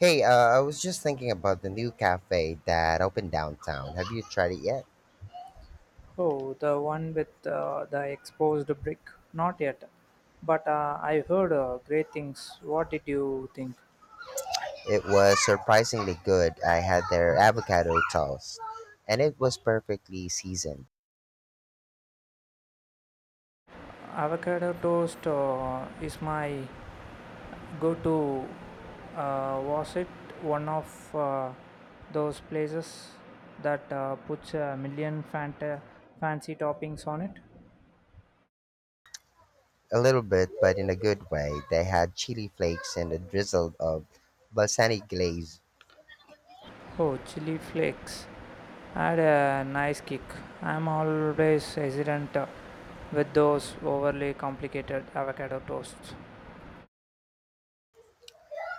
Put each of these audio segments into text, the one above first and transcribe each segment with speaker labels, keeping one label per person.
Speaker 1: Hey, I was just thinking about the new cafe that opened downtown. Have you tried it yet?
Speaker 2: Oh, the one with the exposed brick. Not yet, but I heard great things. What did you think?
Speaker 1: It was surprisingly good. I had their avocado toast, and it was perfectly seasoned.
Speaker 2: Avocado toast is my go-to. Was it one of those places that puts a million fancy toppings on it?
Speaker 1: A little bit, but in a good way. They had chili flakes and a drizzle of balsamic glaze.
Speaker 2: Oh, chili flakes. Add a nice kick. I'm always hesitant with those overly complicated avocado toasts.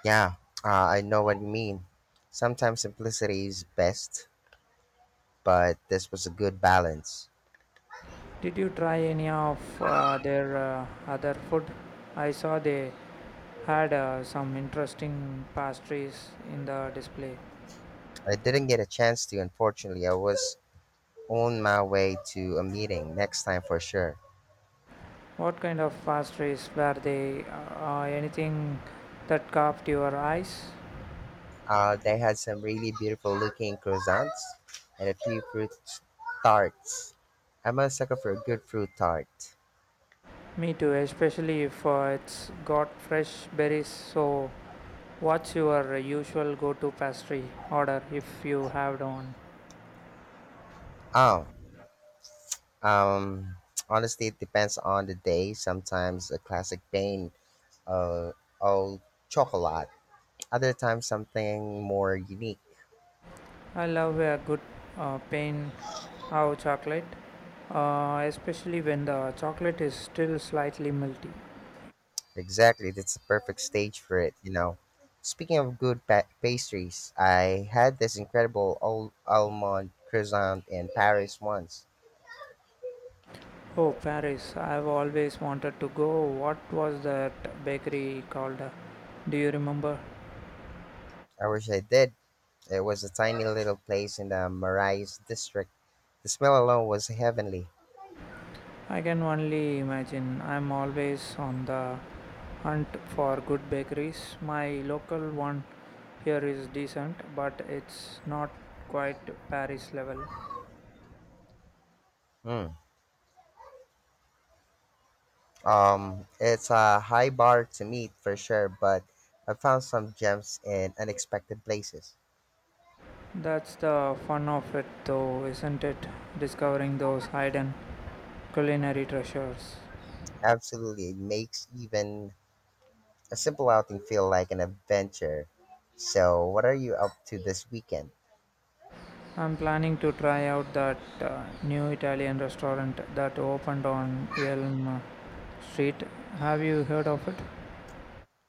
Speaker 1: Yeah, I know what you mean. Sometimes simplicity is best, but this was a good balance.
Speaker 2: Did you try any of their other food? I saw they had some interesting pastries in the display.
Speaker 1: I didn't get a chance to, unfortunately. I was on my way to a meeting next time for sure.
Speaker 2: What kind of pastries were they? Anything that caught your eyes?
Speaker 1: They had some really beautiful looking croissants and a few fruit tarts. I'm a sucker for a good fruit tart.
Speaker 2: Me too, especially if it's got fresh berries, so what's your usual go to pastry order if you have one?
Speaker 1: Oh, um, Honestly, it depends on the day. Sometimes a classic pain uh, old chocolate. Other times something more unique.
Speaker 2: I love a good pain au chocolate, especially when the chocolate is still slightly melty.
Speaker 1: Exactly, that's the perfect stage for it. Speaking of good pastries, I had this incredible old almond croissant in Paris once.
Speaker 2: Oh, Paris, I've always wanted to go. What was that bakery called? Do you remember?
Speaker 1: I wish I did. It was a tiny little place in the Marais district. The smell alone was heavenly.
Speaker 2: I can only imagine. I'm always on the hunt for good bakeries. My local one here is decent, but it's not quite Paris level.
Speaker 1: Mm. It's a high bar to meet for sure, but I found some gems in unexpected places.
Speaker 2: That's the fun of it, though, isn't it? Discovering those hidden culinary treasures.
Speaker 1: Absolutely, it makes even a simple outing feel like an adventure. So, what are you up to this weekend?
Speaker 2: I'm planning to try out that new Italian restaurant that opened on Elm Street. Have you heard of it?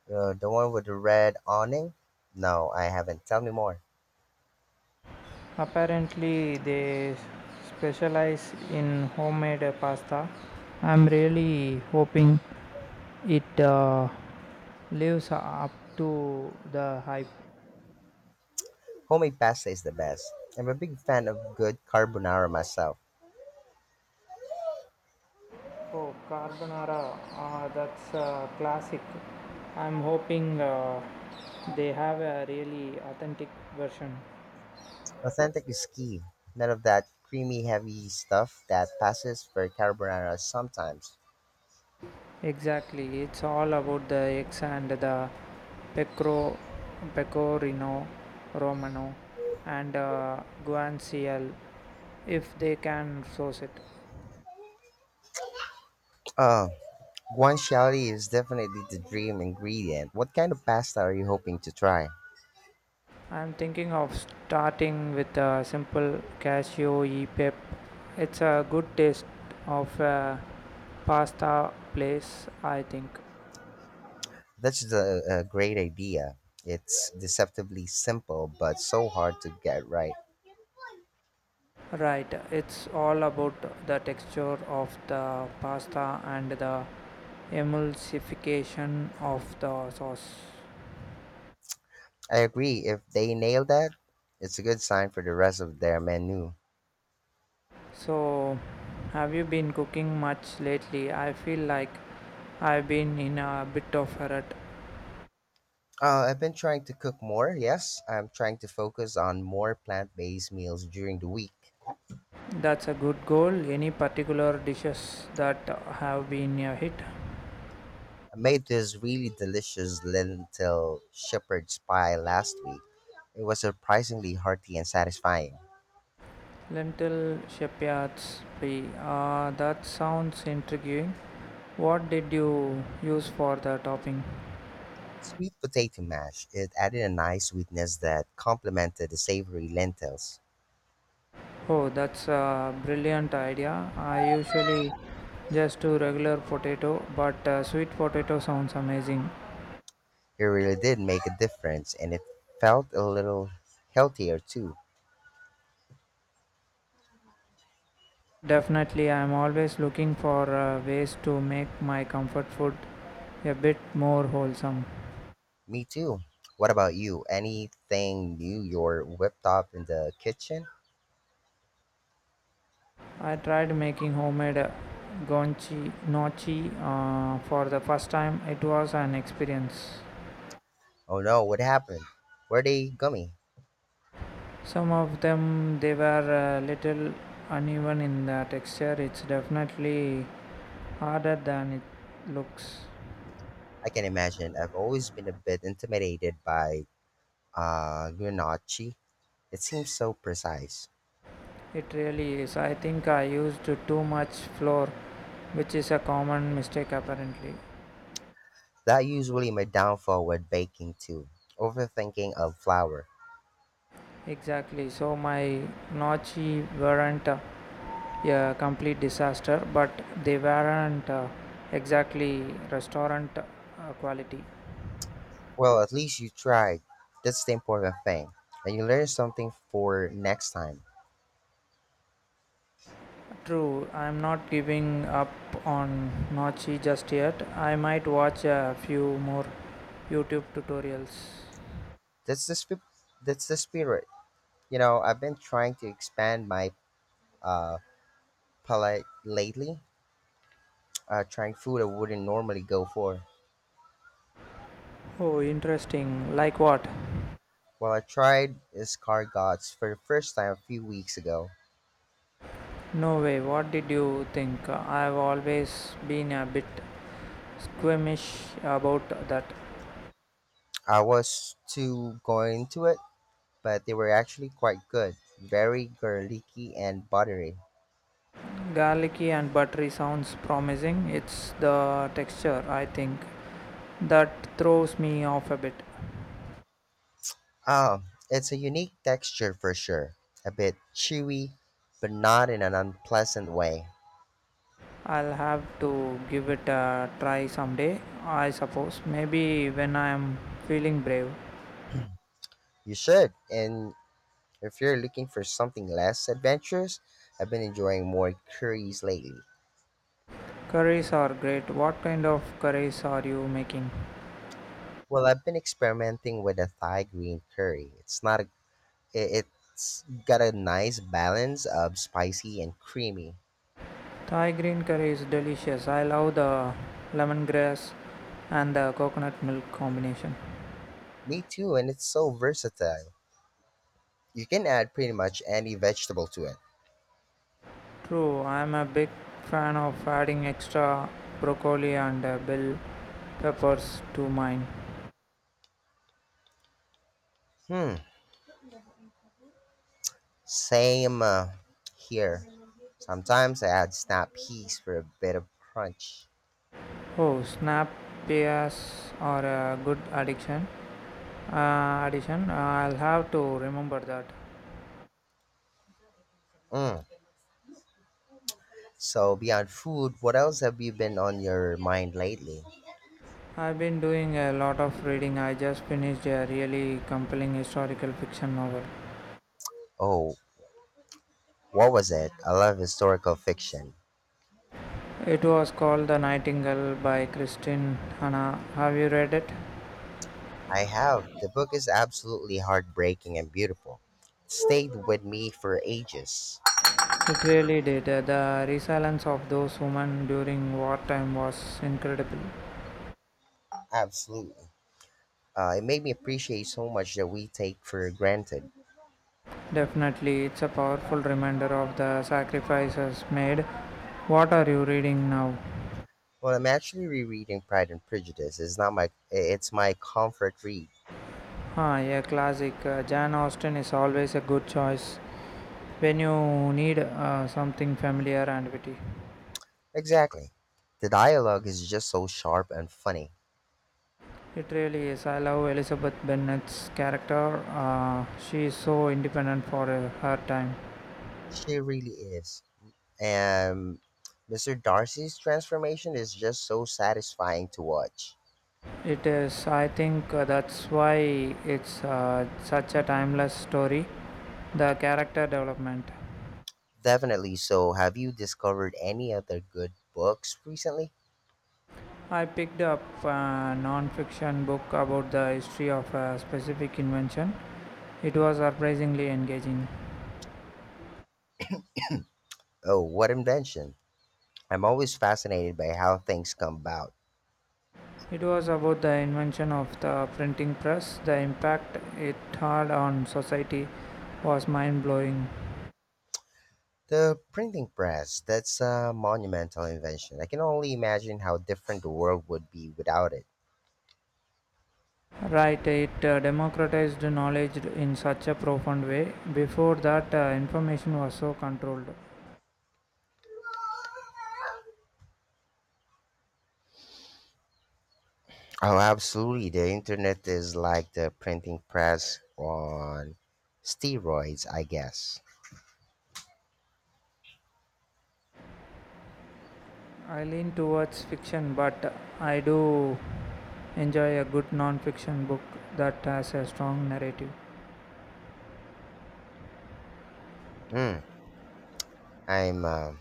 Speaker 1: The one with the red awning? No, I haven't. Tell me more.
Speaker 2: Apparently, they specialize in homemade pasta. I'm really hoping it lives up to the hype.
Speaker 1: Homemade pasta is the best. I'm a big fan of good carbonara myself.
Speaker 2: Oh, carbonara. Ah, that's a classic. I'm hoping they have a really authentic version.
Speaker 1: Authentic is key. None of that creamy, heavy stuff that passes for carbonara sometimes.
Speaker 2: Exactly. It's all about the eggs and the pecro, pecorino romano and guanciale if they can source it.
Speaker 1: Uh, Guanciale is definitely the dream ingredient. What kind of pasta are you hoping to try?
Speaker 2: I'm thinking of starting with a simple cashew e pep. It's a good taste of a pasta place, I think.
Speaker 1: That's the a great idea. It's deceptively simple, but so hard to get right.
Speaker 2: Right, it's all about the texture of the pasta and the emulsification of the sauce.
Speaker 1: I agree. If they nail that, it's a good sign for the rest of their menu.
Speaker 2: So, have you been cooking much lately? I feel like I've been in a bit of a rut.
Speaker 1: I've been trying to cook more. Yes, I'm trying to focus on more plant-based meals during the week.
Speaker 2: That's a good goal. Any particular dishes that have been a hit?
Speaker 1: I made this really delicious lentil shepherd's pie last week. It was surprisingly hearty and satisfying.
Speaker 2: Lentil shepherd's pie. That sounds intriguing. What did you use for the topping?
Speaker 1: Sweet potato mash, it added a nice sweetness that complemented the savory lentils.
Speaker 2: Oh, that's a brilliant idea. I usually just do regular potato, but sweet potato sounds amazing.
Speaker 1: It really did make a difference and it felt a little healthier too.
Speaker 2: Definitely, I'm always looking for ways to make my comfort food a bit more wholesome.
Speaker 1: Me too. What about you? Anything new you're whipped up in the kitchen?
Speaker 2: I tried making homemade gonchi nochi for the first time. It was an experience.
Speaker 1: Oh no, what happened? Were they gummy?
Speaker 2: Some of them they were a little uneven in the texture. It's definitely harder than it looks.
Speaker 1: I can imagine. I've always been a bit intimidated by gnocchi. It seems so precise.
Speaker 2: It really is. I think I used too much flour, which is a common mistake apparently.
Speaker 1: That usually my downfall with baking too. Overthinking of flour.
Speaker 2: Exactly. So my gnocchi weren't a complete disaster, but they weren't exactly restaurant quality.
Speaker 1: Well, at least you tried. That's the important thing, and you learn something for next time.
Speaker 2: True, I'm not giving up on gnocchi just yet. I might watch a few more YouTube tutorials.
Speaker 1: That's the sp- that's the spirit. You know, I've been trying to expand my uh, palate lately. Trying food I wouldn't normally go for.
Speaker 2: Oh, interesting. Like what?
Speaker 1: Well, I tried escargots for the first time a few weeks ago.
Speaker 2: No way, what did you think? I've always been a bit squeamish about that.
Speaker 1: I was too going into it but they were actually quite good, very garlicky and buttery.
Speaker 2: Garlicky and buttery sounds promising. It's the texture, I think, that throws me off a bit.
Speaker 1: Ah, it's a unique texture for sure. A bit chewy, but not in an unpleasant way.
Speaker 2: I'll have to give it a try someday, I suppose. Maybe when I'm feeling brave.
Speaker 1: You should, and if you're looking for something less adventurous, I've been enjoying more curries lately.
Speaker 2: Curries are great. What kind of curries are you making?
Speaker 1: Well, I've been experimenting with a Thai green curry. It's not a, it, It's got a nice balance of spicy and creamy.
Speaker 2: Thai green curry is delicious. I love the lemongrass and the coconut milk combination.
Speaker 1: Me too, and it's so versatile. You can add pretty much any vegetable to it.
Speaker 2: True, I am a big fan of adding extra broccoli and bell peppers to mine.
Speaker 1: Hmm. Same here. Sometimes I add snap peas for a bit of crunch.
Speaker 2: Oh, snap peas are a good addiction. Addition. I'll have to remember that.
Speaker 1: Mm. So beyond food, what else have you been on your mind lately?
Speaker 2: I've been doing a lot of reading. I just finished a really compelling historical fiction novel.
Speaker 1: Oh, what was it? I love historical fiction.
Speaker 2: It was called The Nightingale by Christine Hanna. Have you read it?
Speaker 1: I have. The book is absolutely heartbreaking and beautiful. It stayed with me for ages.
Speaker 2: It really did. The resilience of those women during wartime was incredible.
Speaker 1: Absolutely. It made me appreciate so much that we take for granted.
Speaker 2: Definitely, it's a powerful reminder of the sacrifices made. What are you reading now?
Speaker 1: Well, I'm actually rereading Pride and Prejudice. It's not my. It's my comfort read.
Speaker 2: Ah, a classic. Jan Austen is always a good choice when you need something familiar and witty.
Speaker 1: Exactly. The dialogue is just so sharp and funny.
Speaker 2: It really is. I love Elizabeth Bennet's character. She is so independent for her time.
Speaker 1: She really is. And Mr. Darcy's transformation is just so satisfying to watch.
Speaker 2: It is, I think that's why it's such a timeless story. The character development.
Speaker 1: Definitely. So, have you discovered any other good books recently?
Speaker 2: I picked up a non fiction book about the history of a specific invention. It was surprisingly engaging.
Speaker 1: Oh, what invention? I'm always fascinated by how things come about.
Speaker 2: It was about the invention of the printing press. The impact it had on society was mind blowing.
Speaker 1: The printing press, that's a monumental invention. I can only imagine how different the world would be without it.
Speaker 2: Right, it democratized knowledge in such a profound way. Before that, information was so controlled.
Speaker 1: Oh, absolutely. The internet is like the printing press on steroids, I guess.
Speaker 2: I lean towards fiction, but I do enjoy a good non fiction book that has a strong narrative.
Speaker 1: Mm, I'm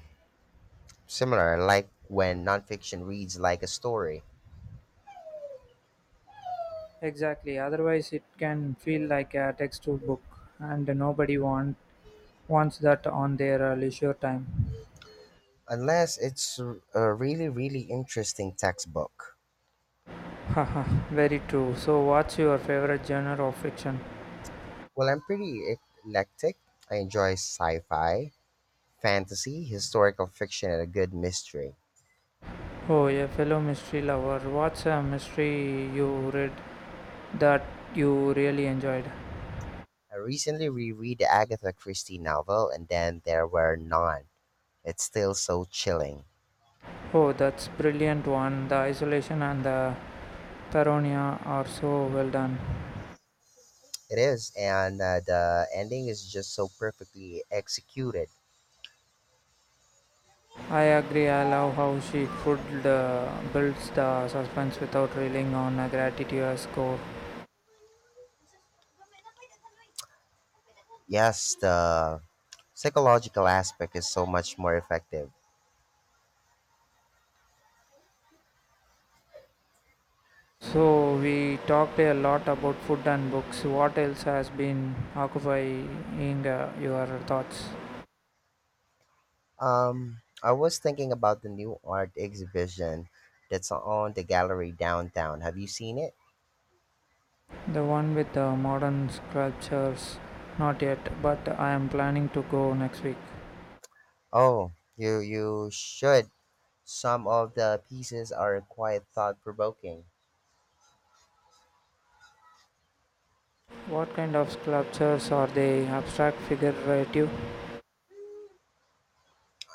Speaker 1: similar. I like when nonfiction reads like a story,
Speaker 2: Exactly, otherwise, it can feel like a textbook book, and wants that on their leisure time.
Speaker 1: unless it's a really, really interesting textbook.
Speaker 2: Haha, very true. So, what's your favorite genre of fiction?
Speaker 1: Well, I'm pretty eclectic. I enjoy sci fi, fantasy, historical fiction, and a good mystery.
Speaker 2: Oh, a fellow mystery lover, what's a mystery you read that you really enjoyed?
Speaker 1: I recently reread the Agatha Christie novel, and then there were none. It's still so chilling.
Speaker 2: Oh, that's brilliant one. The isolation and the Taronia are so well done.
Speaker 1: It is, and the ending is just so perfectly executed.
Speaker 2: I agree, I love how she could builds the suspense without relying on a gratuitous score.
Speaker 1: Yes, the psychological aspect is so much more effective.
Speaker 2: So we talked a lot about food and books. What else has been occupying your thoughts?
Speaker 1: I was thinking about the new art exhibition that's on the gallery downtown. Have you seen it?
Speaker 2: The one with the modern sculptures, not yet, but I am planning to go next week.
Speaker 1: Oh, you should. Some of the pieces are quite thought provoking.
Speaker 2: What kind of sculptures are they? Abstract, figurative?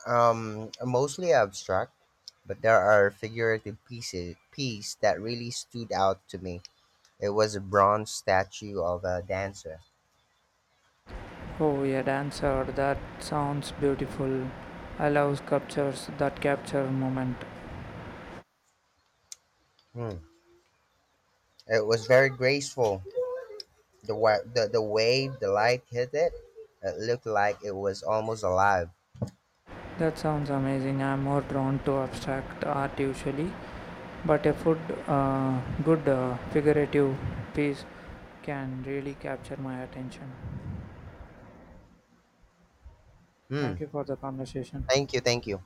Speaker 1: Mostly abstract, but there are figurative piece that really stood out to me. It was a bronze statue of a dancer.
Speaker 2: Oh, a dancer, that sounds beautiful. I love sculptures that capture moment.
Speaker 1: Hmm. It was very graceful. The way the light hit it, it looked like it was almost alive.
Speaker 2: That sounds amazing. I'm more drawn to abstract art usually, but good figurative piece can really capture my attention.
Speaker 1: Hmm.
Speaker 2: Thank you for the conversation.
Speaker 1: Thank you, thank you.